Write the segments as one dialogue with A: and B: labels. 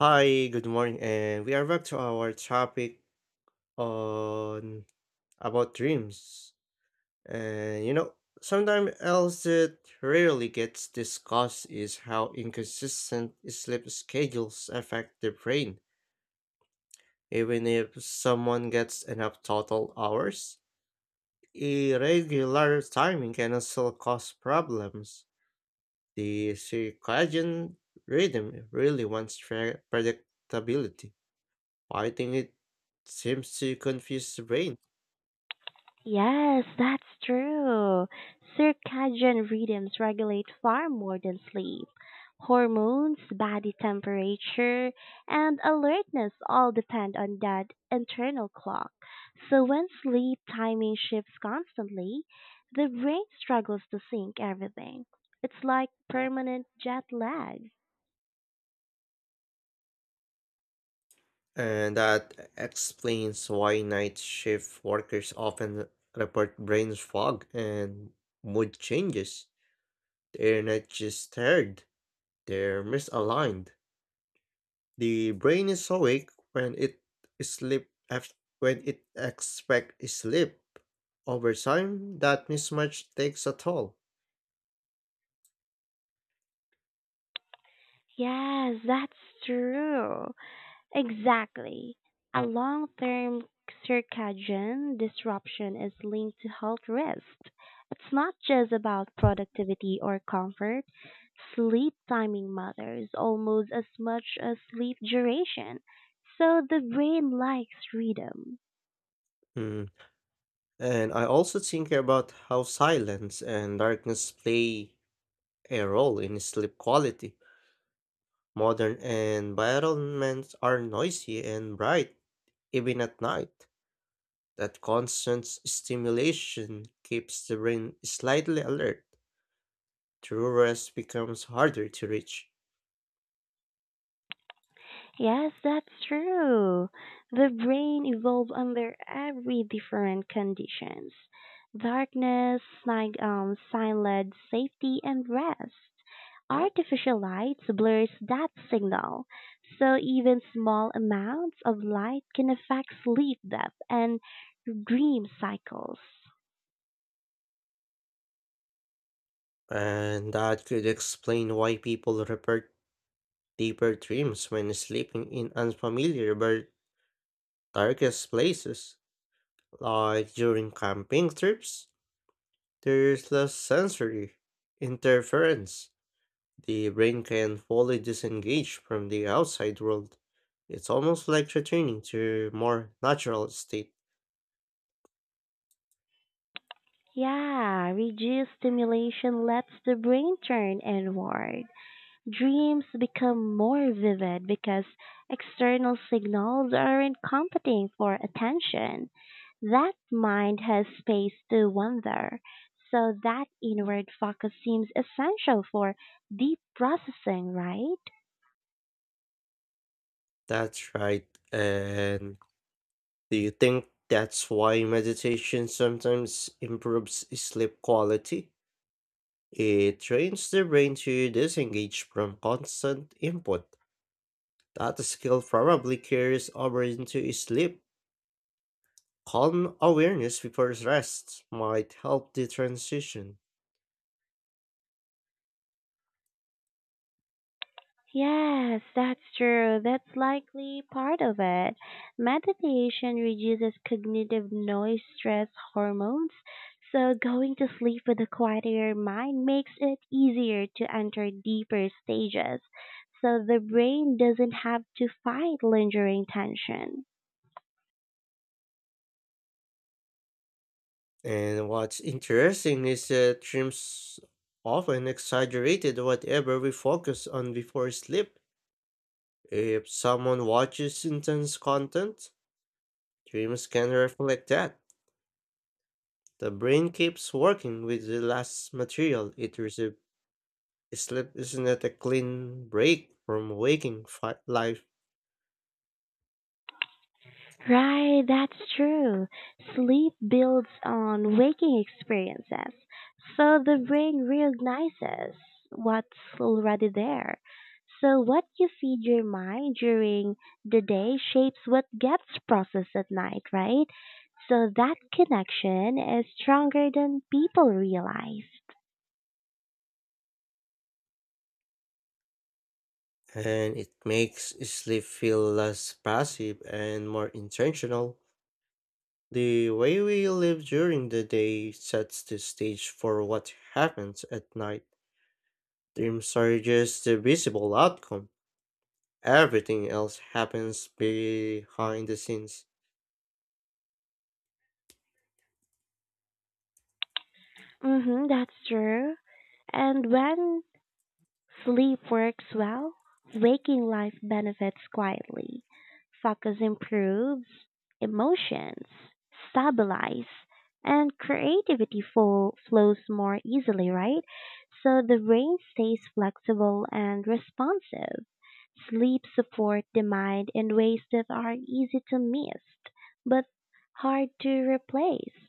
A: Hi, good morning, and we are back to our topic on about dreams. And you know, Sometimes else that rarely gets discussed is how inconsistent sleep schedules affect the brain. Even if someone gets enough total hours, irregular timing can still cause problems. The circadian rhythm really wants predictability. I think it seems to confuse the brain,
B: Yes, that's true. Circadian rhythms regulate far more than sleep. Hormones, body temperature, and alertness all depend on that internal clock. So when sleep timing shifts constantly, the brain struggles to sync everything. It's like permanent jet lag.
A: and that explains why night shift workers often report brain fog and mood changes. They're not just tired, they're misaligned. The brain is awake when it when it expect sleep. Over time, that mismatch takes a toll.
B: Yes, that's true. Exactly. A long term circadian disruption is linked to health risks. It's not just about productivity or comfort. Sleep timing matters almost as much as sleep duration. So the brain likes freedom.
A: Mm. And I also think about how silence and darkness play a role in sleep quality. Modern environments are noisy and bright, even at night. That constant stimulation keeps the brain slightly alert. True rest becomes harder to reach.
B: Yes, that's true. The brain evolves under every different conditions. Darkness, sign, silent safety, and rest. Artificial light blurs that signal, so even small amounts of light can affect sleep depth and dream cycles.
A: And that could explain why people report deeper dreams when sleeping in unfamiliar but darkest places. Like during camping trips, there's less sensory interference. The brain can fully disengage from the outside world. It's almost like returning to a more natural state.
B: Yeah, reduced stimulation lets the brain turn inward. Dreams become more vivid because external signals aren't competing for attention. That mind has space to wander, so that inward focus seems essential for deep processing, right?
A: That's right. And do you think that's why meditation sometimes improves sleep quality? It trains the brain to disengage from constant input. That skill probably carries over into sleep. Calm awareness before rest might help the transition.
B: Yes, that's true. That's likely part of it. Meditation reduces cognitive noise stress hormones, so going to sleep with a quieter mind makes it easier to enter deeper stages. So the brain doesn't have to fight lingering tension.
A: And what's interesting is that dreams often exaggerated whatever we focus on before sleep. If someone watches intense content, dreams can reflect that. The brain keeps working with the last material it received. Sleep isn't a clean break from waking life,
B: Right, that's true. Sleep builds on waking experiences, so the brain recognizes what's already there. So, what you feed your mind during the day shapes what gets processed at night, right? So, that connection is stronger than people realize.
A: and it makes sleep feel less passive and more intentional. The way we live during the day sets the stage for what happens at night. Dreams are just the visible outcome. Everything else happens behind the scenes.
B: Mm-hmm, that's true. And when sleep works well, waking life benefits quietly. Focus improves, emotions stabilize, and flows more easily, right? So the brain stays flexible and responsive. Sleep supports the mind in ways that are easy to miss, but hard to replace.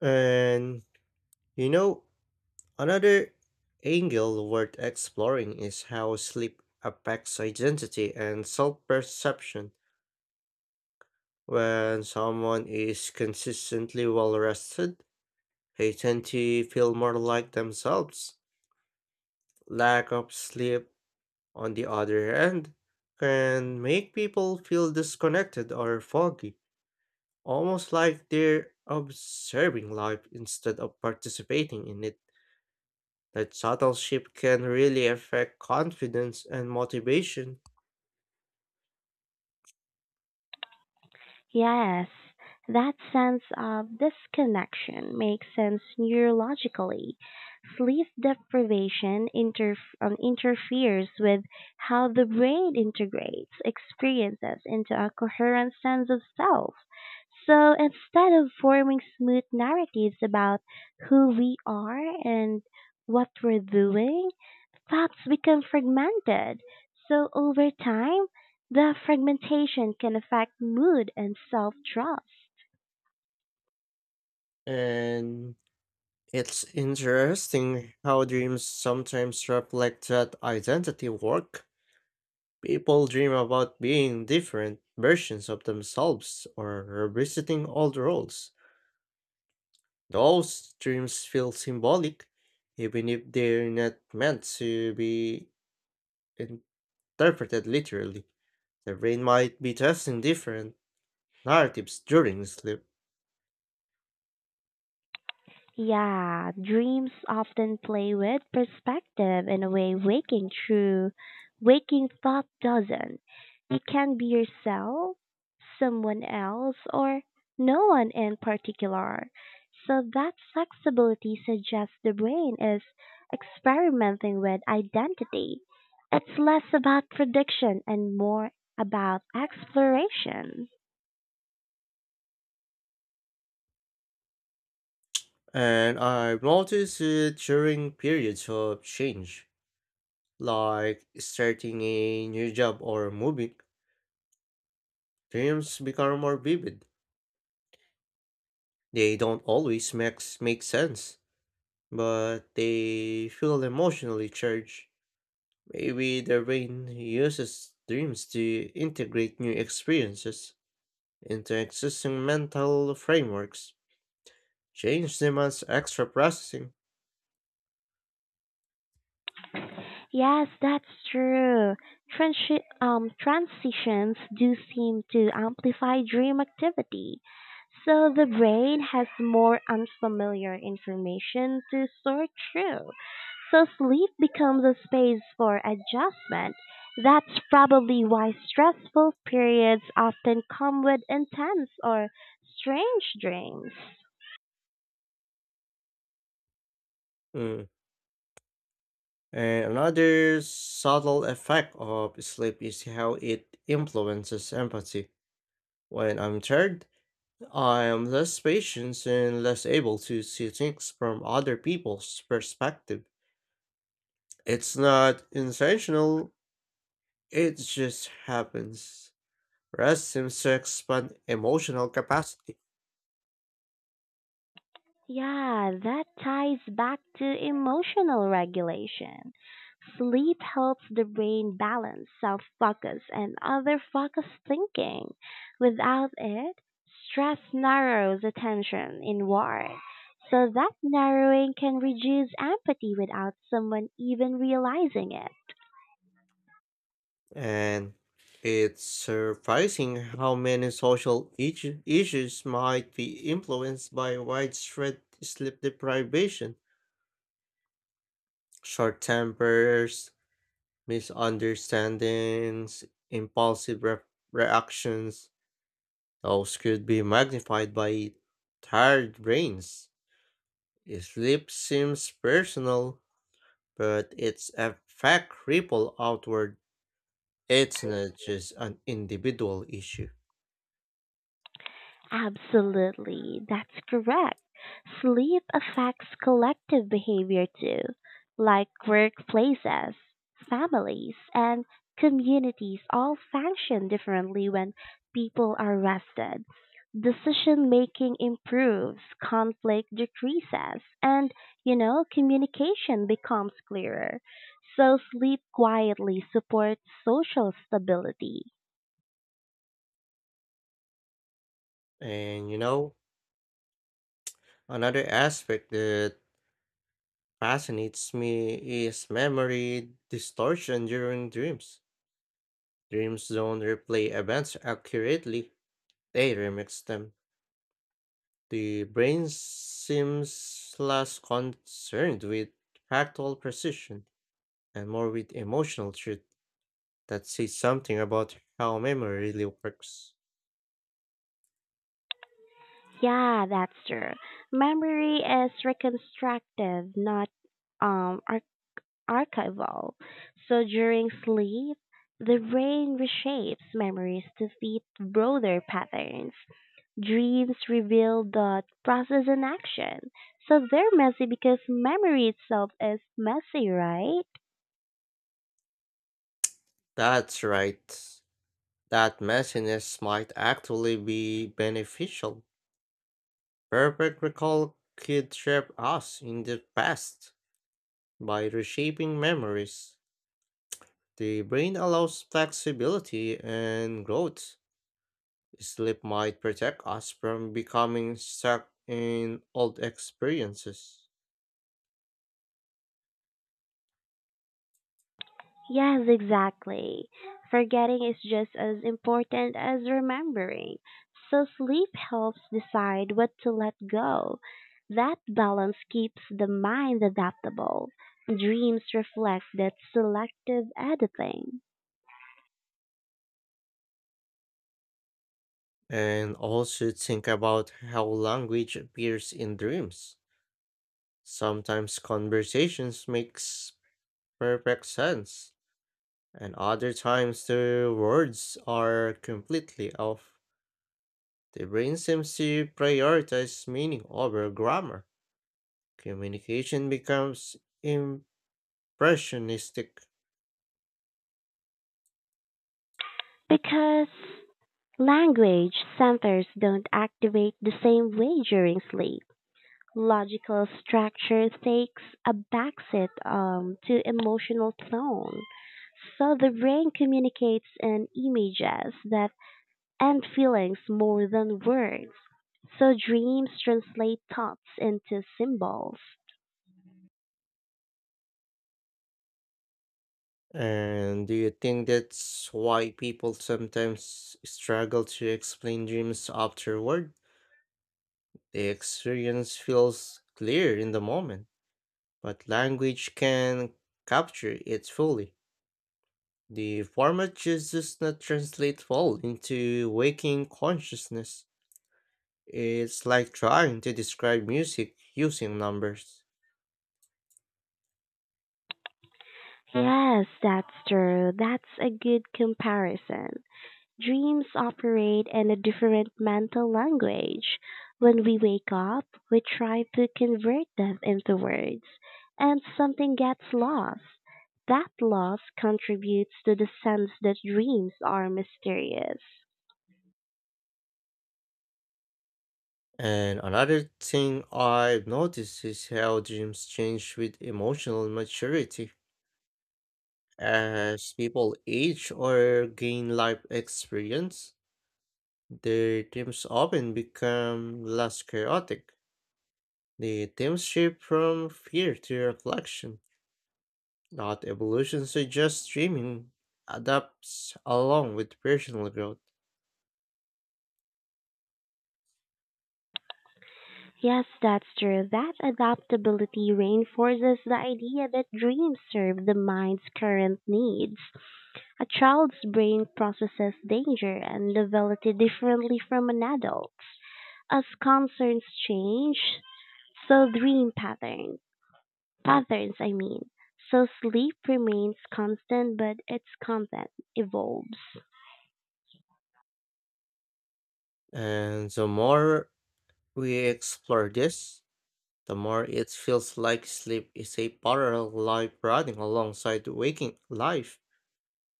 A: And you know, Another angle worth exploring is how sleep affects identity and self perception. When someone is consistently well rested, they tend to feel more like themselves. Lack of sleep, on the other hand, can make people feel disconnected or foggy, almost like they're observing life instead of participating in it. That subtle shift can really affect confidence and motivation.
B: Yes, that sense of disconnection makes sense neurologically. Sleep interferes with how the brain integrates experiences into a coherent sense of self. So instead of forming smooth narratives about who we are and what we're doing, facts become fragmented. So over time, the fragmentation can affect mood and self-trust.
A: And it's interesting how dreams sometimes reflect that identity work. People dream about being different versions of themselves or revisiting old roles. Those dreams feel symbolic, even if they're not meant to be interpreted literally. The brain might be testing different narratives during sleep,
B: Yeah, dreams often play with perspective in a way waking thought doesn't. You can be yourself, someone else, or no one in particular. So that flexibility suggests the brain is experimenting with identity. It's less about prediction and more about exploration.
A: and I've noticed it during periods of change, like starting a new job or moving. Dreams become more vivid. They don't always make sense, but they feel emotionally charged. Maybe the brain uses dreams to integrate new experiences into existing mental frameworks, change them as extra processing.
B: Yes, that's true. Transitions do seem to amplify dream activity. So the brain has more unfamiliar information to sort through. So sleep becomes a space for adjustment. That's probably why stressful periods often come with intense or strange dreams.
A: Mm. And another subtle effect of sleep is how it influences empathy. When I'm tired, I am less patient and less able to see things from other people's perspective. It's not intentional, it just happens. Rest seems to expand emotional capacity,
B: Yeah, that ties back to emotional regulation. Sleep helps the brain balance self focus and other focus thinking. Without it, stress narrows attention inward. So that narrowing can reduce empathy without someone even realizing it.
A: and it's surprising how many social issues might be influenced by widespread sleep deprivation. Short tempers, misunderstandings, impulsive reactions, those could be magnified by tired brains. Sleep seems personal, but its effect ripple outward. It's not just an individual issue.
B: Absolutely, that's correct. Sleep affects collective behavior too, like workplaces, families, and communities all function differently when people are rested. Decision making improves, conflict decreases, and, you know, communication becomes clearer. So, sleep quietly supports social stability.
A: And you know, Another aspect that fascinates me is memory distortion during dreams. Dreams don't replay events accurately, they remix them. The brain seems less concerned with factual precision and more with emotional truth that says something about how memory really works.
B: Yeah, that's true. Memory is reconstructive, not um ar- archival. So during sleep, the brain reshapes memories to fit broader patterns. Dreams reveal the process in action. So they're messy because memory itself is messy, right?
A: That's right. That messiness might actually be beneficial. Perfect recall could trap us in the past by reshaping memories. The brain allows flexibility and growth. Sleep might protect us from becoming stuck in old experiences.
B: Yes, exactly. Forgetting is just as important as remembering. So sleep helps decide what to let go. That balance keeps the mind adaptable. Dreams reflect that selective editing.
A: And also think about how language appears in dreams. Sometimes conversations makes perfect sense and other times the words are completely off. The brain seems to prioritize meaning over grammar. Communication becomes impressionistic.
B: Because language centers don't activate the same way during sleep. Logical structure takes a backseat to emotional tone. So the brain communicates in images that and feelings more than words. So dreams translate thoughts into symbols.
A: And do you think that's why people sometimes struggle to explain dreams afterward? The experience feels clear in the moment, but language can capture it fully. The format just does not translate well into waking consciousness. It's like trying to describe music using numbers.
B: Yes, that's true. That's a good comparison. Dreams operate in a different mental language. When we wake up, we try to convert them into words, and something gets lost. That loss contributes to the sense that dreams are mysterious.
A: And another thing I've noticed is how dreams change with emotional maturity. As people age or gain life experience, their dreams often become less chaotic. The themes shift from fear to reflection. Not evolution suggests streaming adapts along with personal growth.
B: Yes, that's true. That adaptability reinforces the idea that dreams serve the mind's current needs. A child's brain processes danger and novelty differently from an adult's. As concerns change, so dream pattern patterns I mean. So sleep remains constant but its content evolves.
A: And the more we explore this, the more it feels like sleep is a parallel life running alongside waking life.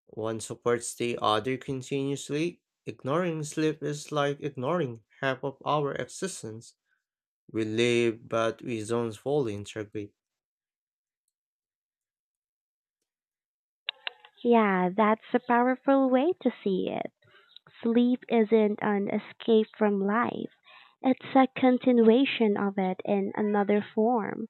A: One supports the other continuously. Ignoring sleep is like ignoring half of our existence. We live, but we don't fully integrate.
B: Yeah, that's a powerful way to see it. Sleep isn't an escape from life. It's a continuation of it in another form.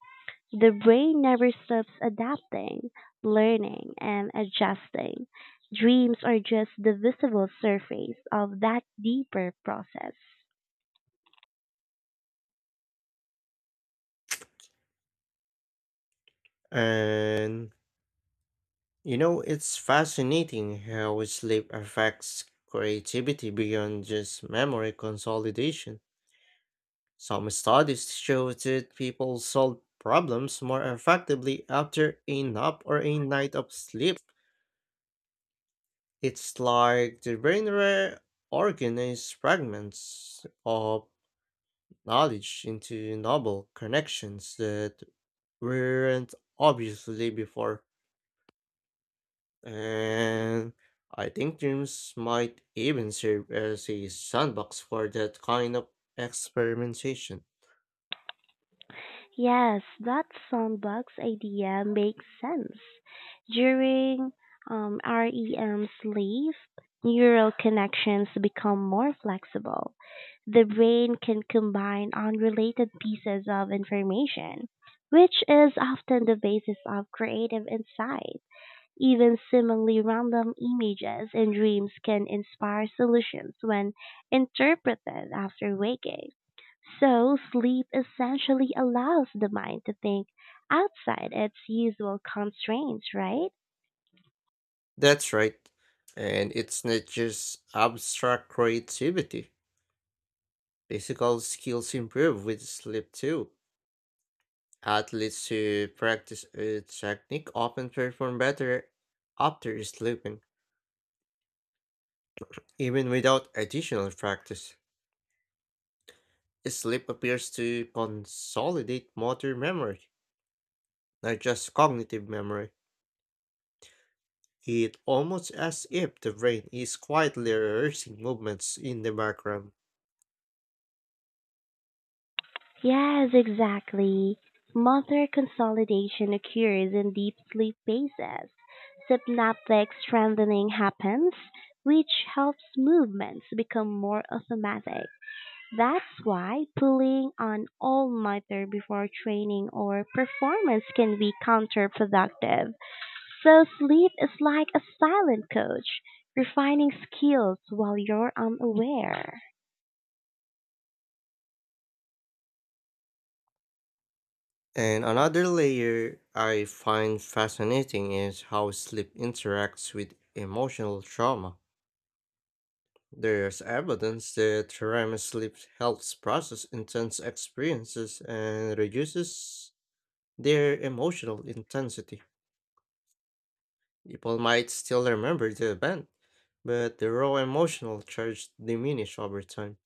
B: The brain never stops adapting, learning, and adjusting. Dreams are just the visible surface of that deeper process.
A: And it's fascinating how sleep affects creativity beyond just memory consolidation. Some studies show that people solve problems more effectively after a nap or a night of sleep. It's like the brain reorganizes fragments of knowledge into novel connections that weren't obviously before. And I think gyms might even serve as a sandbox for that kind of experimentation.
B: Yes, that sandbox idea makes sense. During REM sleep, neural connections become more flexible. The brain can combine unrelated pieces of information, which is often the basis of creative insight. Even seemingly random images and dreams can inspire solutions when interpreted after waking. So sleep essentially allows the mind to think outside its usual constraints, right?
A: That's right. And it's not just abstract creativity. Physical skills improve with sleep too. Athletes who practice a technique often perform better after sleeping, even without additional practice. Sleep appears to consolidate motor memory, not just cognitive memory. It almost as if the brain is quietly rehearsing movements in the background.
B: Yes, exactly. Motor consolidation occurs in deep sleep phases. Synaptic strengthening happens, which helps movements become more automatic. That's why pulling on all nighter before training or performance can be counterproductive. So sleep is like a silent coach, refining skills while you're unaware.
A: And another layer I find fascinating is how sleep interacts with emotional trauma. There's evidence that REM sleep helps process intense experiences and reduces their emotional intensity. People might still remember the event, but the raw emotional charge diminishes over time.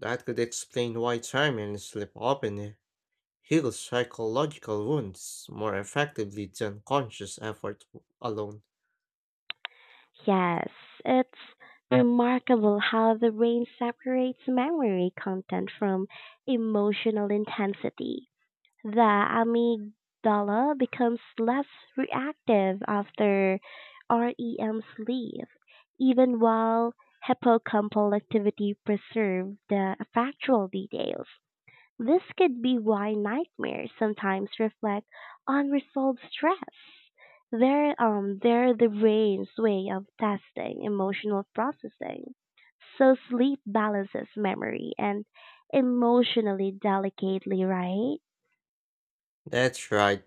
A: That could explain why time sleep often heals psychological wounds more effectively than conscious effort alone.
B: Yes, it's remarkable how the brain separates memory content from emotional intensity. The amygdala becomes less reactive after REM sleep, even while hippocampal activity preserves the factual details. This could be why nightmares sometimes reflect unresolved stress. They're the brain's way of testing emotional processing. So sleep balances memory and emotionally delicately, right?
A: That's right.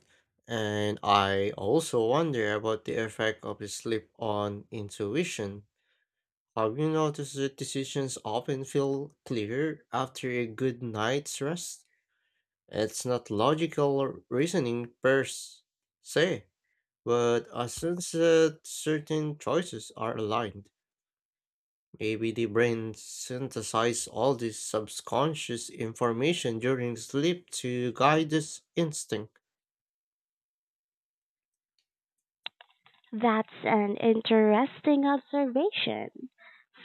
A: And I also wonder about the effect of the sleep on intuition. Have you noticed that decisions often feel clearer after a good night's rest? It's not logical or reasoning per se, but a sense that certain choices are aligned. Maybe the brain synthesizes all this subconscious information during sleep to guide this instinct.
B: That's an interesting observation.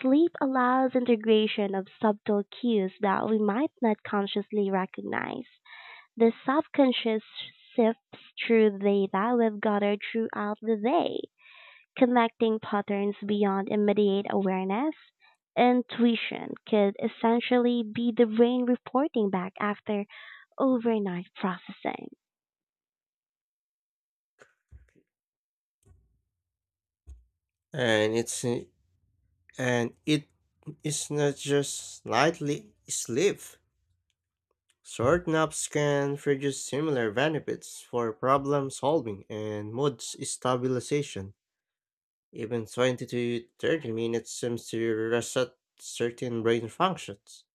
B: Sleep allows integration of subtle cues that we might not consciously recognize. The subconscious sifts through data we've gathered throughout the day, connecting patterns beyond immediate awareness. Intuition could essentially be the brain reporting back after overnight processing.
A: And it is not just nightly sleep. Short naps can produce similar benefits for problem solving and mood stabilization. Even 20 to 30 minutes seems to reset certain brain functions.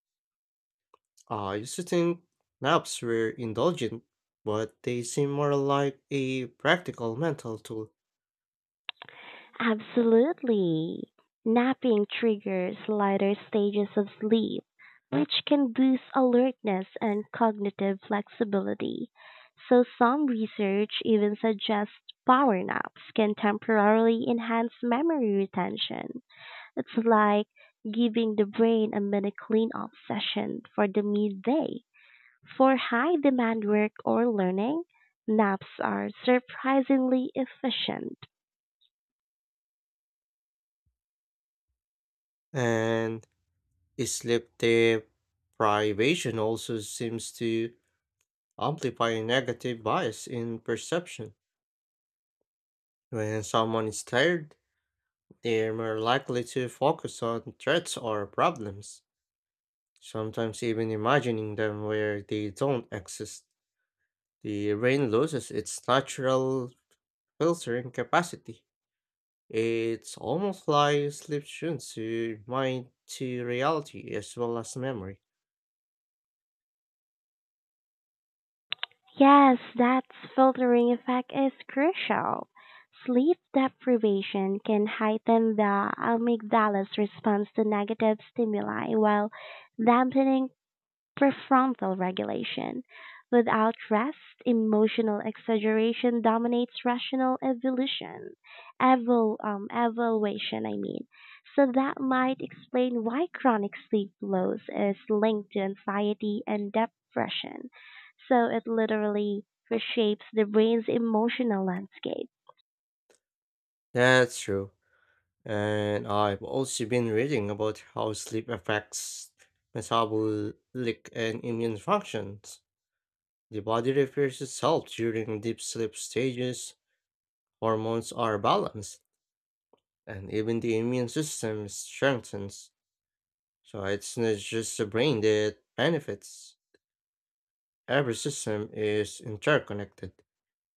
A: I used to think naps were indulgent, but they seem more like a practical mental tool.
B: Absolutely. Napping triggers lighter stages of sleep, which can boost alertness and cognitive flexibility. So, some research even suggests power naps can temporarily enhance memory retention. It's like giving the brain a mini clean-up session for the midday. For high demand work or learning, naps are surprisingly efficient.
A: And sleep deprivation also seems to amplify a negative bias in perception. When someone is tired, they're more likely to focus on threats or problems, sometimes even imagining them where they don't exist. The brain loses its natural filtering capacity. It's almost like sleep tunes to mind to reality as well as memory.
B: Yes, that filtering effect is crucial. Sleep deprivation can heighten the amygdala's response to negative stimuli while dampening prefrontal regulation. Without rest, emotional exaggeration dominates evaluation, I mean. So that might explain why chronic sleep loss is linked to anxiety and depression. So it literally reshapes the brain's emotional landscape.
A: That's true. And I've also been reading about how sleep affects metabolic and immune functions. The body repairs itself during deep sleep stages, hormones are balanced, and even the immune system strengthens. So it's not just the brain that benefits. Every system is interconnected.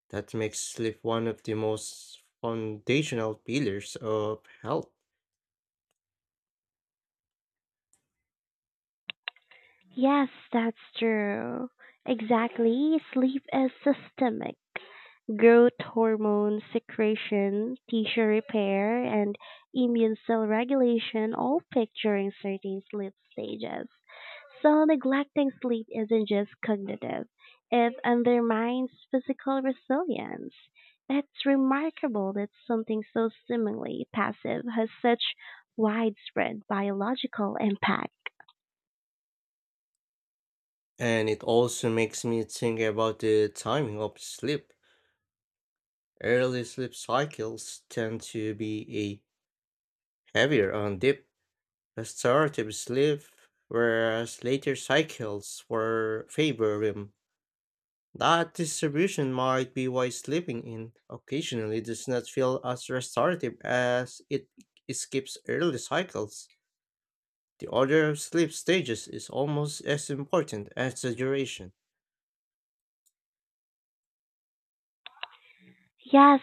A: That makes sleep one of the most foundational pillars of health.
B: Yes, that's true. Exactly. Sleep is systemic. Growth hormone secretion, tissue repair, and immune cell regulation, all picturing certain sleep stages. So, neglecting sleep isn't just cognitive, it undermines physical resilience. It's remarkable that something so seemingly passive has such widespread biological impact.
A: And it also makes me think about the timing of sleep. Early sleep cycles tend to be a heavier on deep restorative sleep, whereas later cycles for favor REM. That distribution might be why sleeping in occasionally does not feel as restorative as it escapes early cycles. The order of sleep stages is almost as important as the duration.
B: Yes,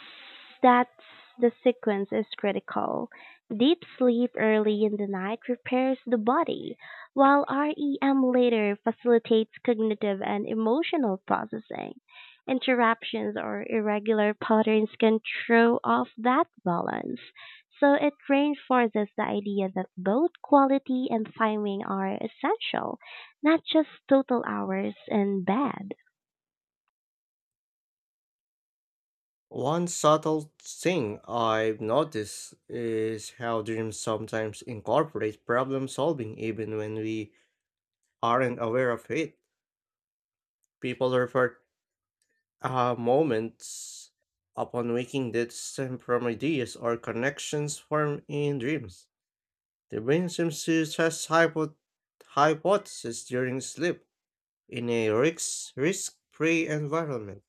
B: that's The sequence is critical. Deep sleep early in the night repairs the body, while REM later facilitates cognitive and emotional processing. Interruptions or irregular patterns can throw off that balance. So it reinforces the idea that both quality and timing are essential, not just total hours in bed.
A: One subtle thing I've noticed is how dreams sometimes incorporate problem solving even when we aren't aware of it. People refer moments upon waking that stem from ideas or connections formed in dreams. The brain seems to test hypotheses during sleep in a risk-free environment.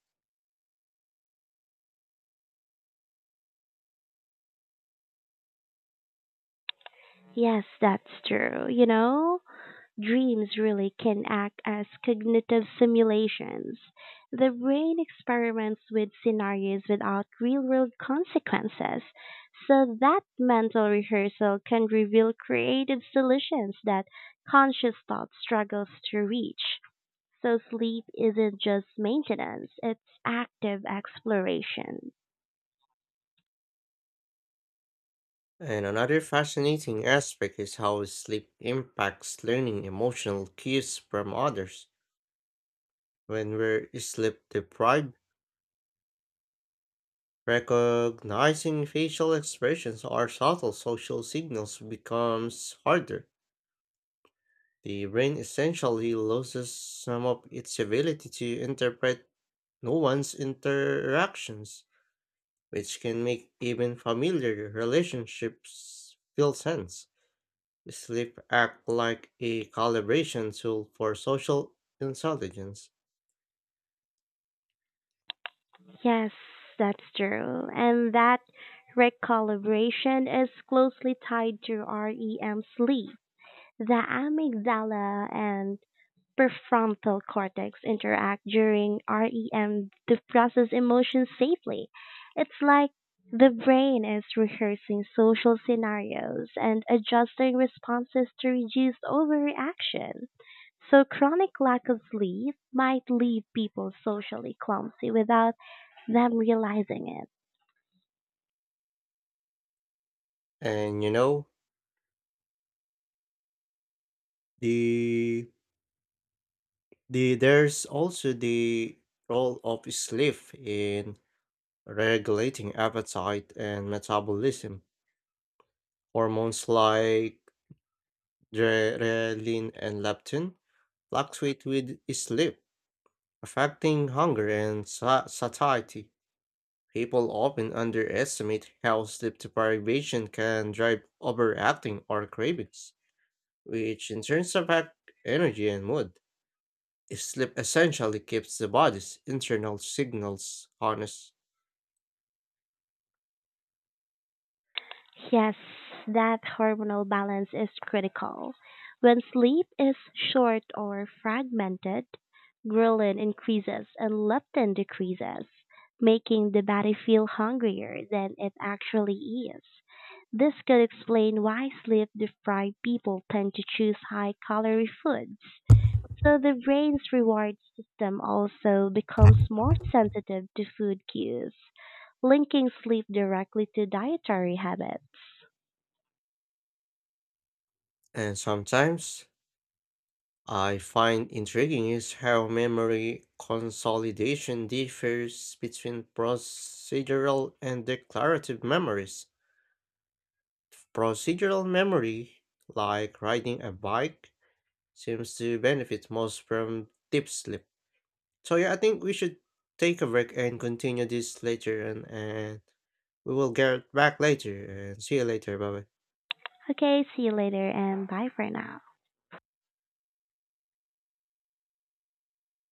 B: Yes, that's true. You know, dreams really can act as cognitive simulations. The brain experiments with scenarios without real world consequences, so that mental rehearsal can reveal creative solutions that conscious thought struggles to reach. So, sleep isn't just maintenance, it's active exploration.
A: And another fascinating aspect is how sleep impacts learning emotional cues from others. When we're sleep deprived, recognizing facial expressions or subtle social signals becomes harder. The brain essentially loses some of its ability to interpret nuanced interactions, which can make even familiar relationships feel tense. Sleep act like a calibration tool for social intelligence.
B: Yes, that's true. And that recalibration is closely tied to REM sleep. The amygdala and prefrontal cortex interact during REM to process emotions safely. It's like the brain is rehearsing social scenarios and adjusting responses to reduce overreaction. So, chronic lack of sleep might leave people socially clumsy without them realizing it.
A: And the there's also the role of sleep in regulating appetite and metabolism. Hormones like adrenaline and leptin fluctuate with sleep, affecting hunger and satiety. People often underestimate how sleep deprivation can drive overacting or cravings, which in turn affect energy and mood. Sleep essentially keeps the body's internal signals honest.
B: Yes, that hormonal balance is critical. When sleep is short or fragmented, ghrelin increases and leptin decreases, making the body feel hungrier than it actually is. This could explain why sleep deprived people tend to choose high calorie foods. So the brain's reward system also becomes more sensitive to food cues, linking sleep directly to dietary habits.
A: And sometimes I find intriguing is how memory consolidation differs between procedural and declarative memories. Procedural memory, like riding a bike, seems to benefit most from deep sleep. So yeah, I think we should take a break and continue this later, and we will get back later and see you later. Bye bye.
B: Okay, see you later and bye for now.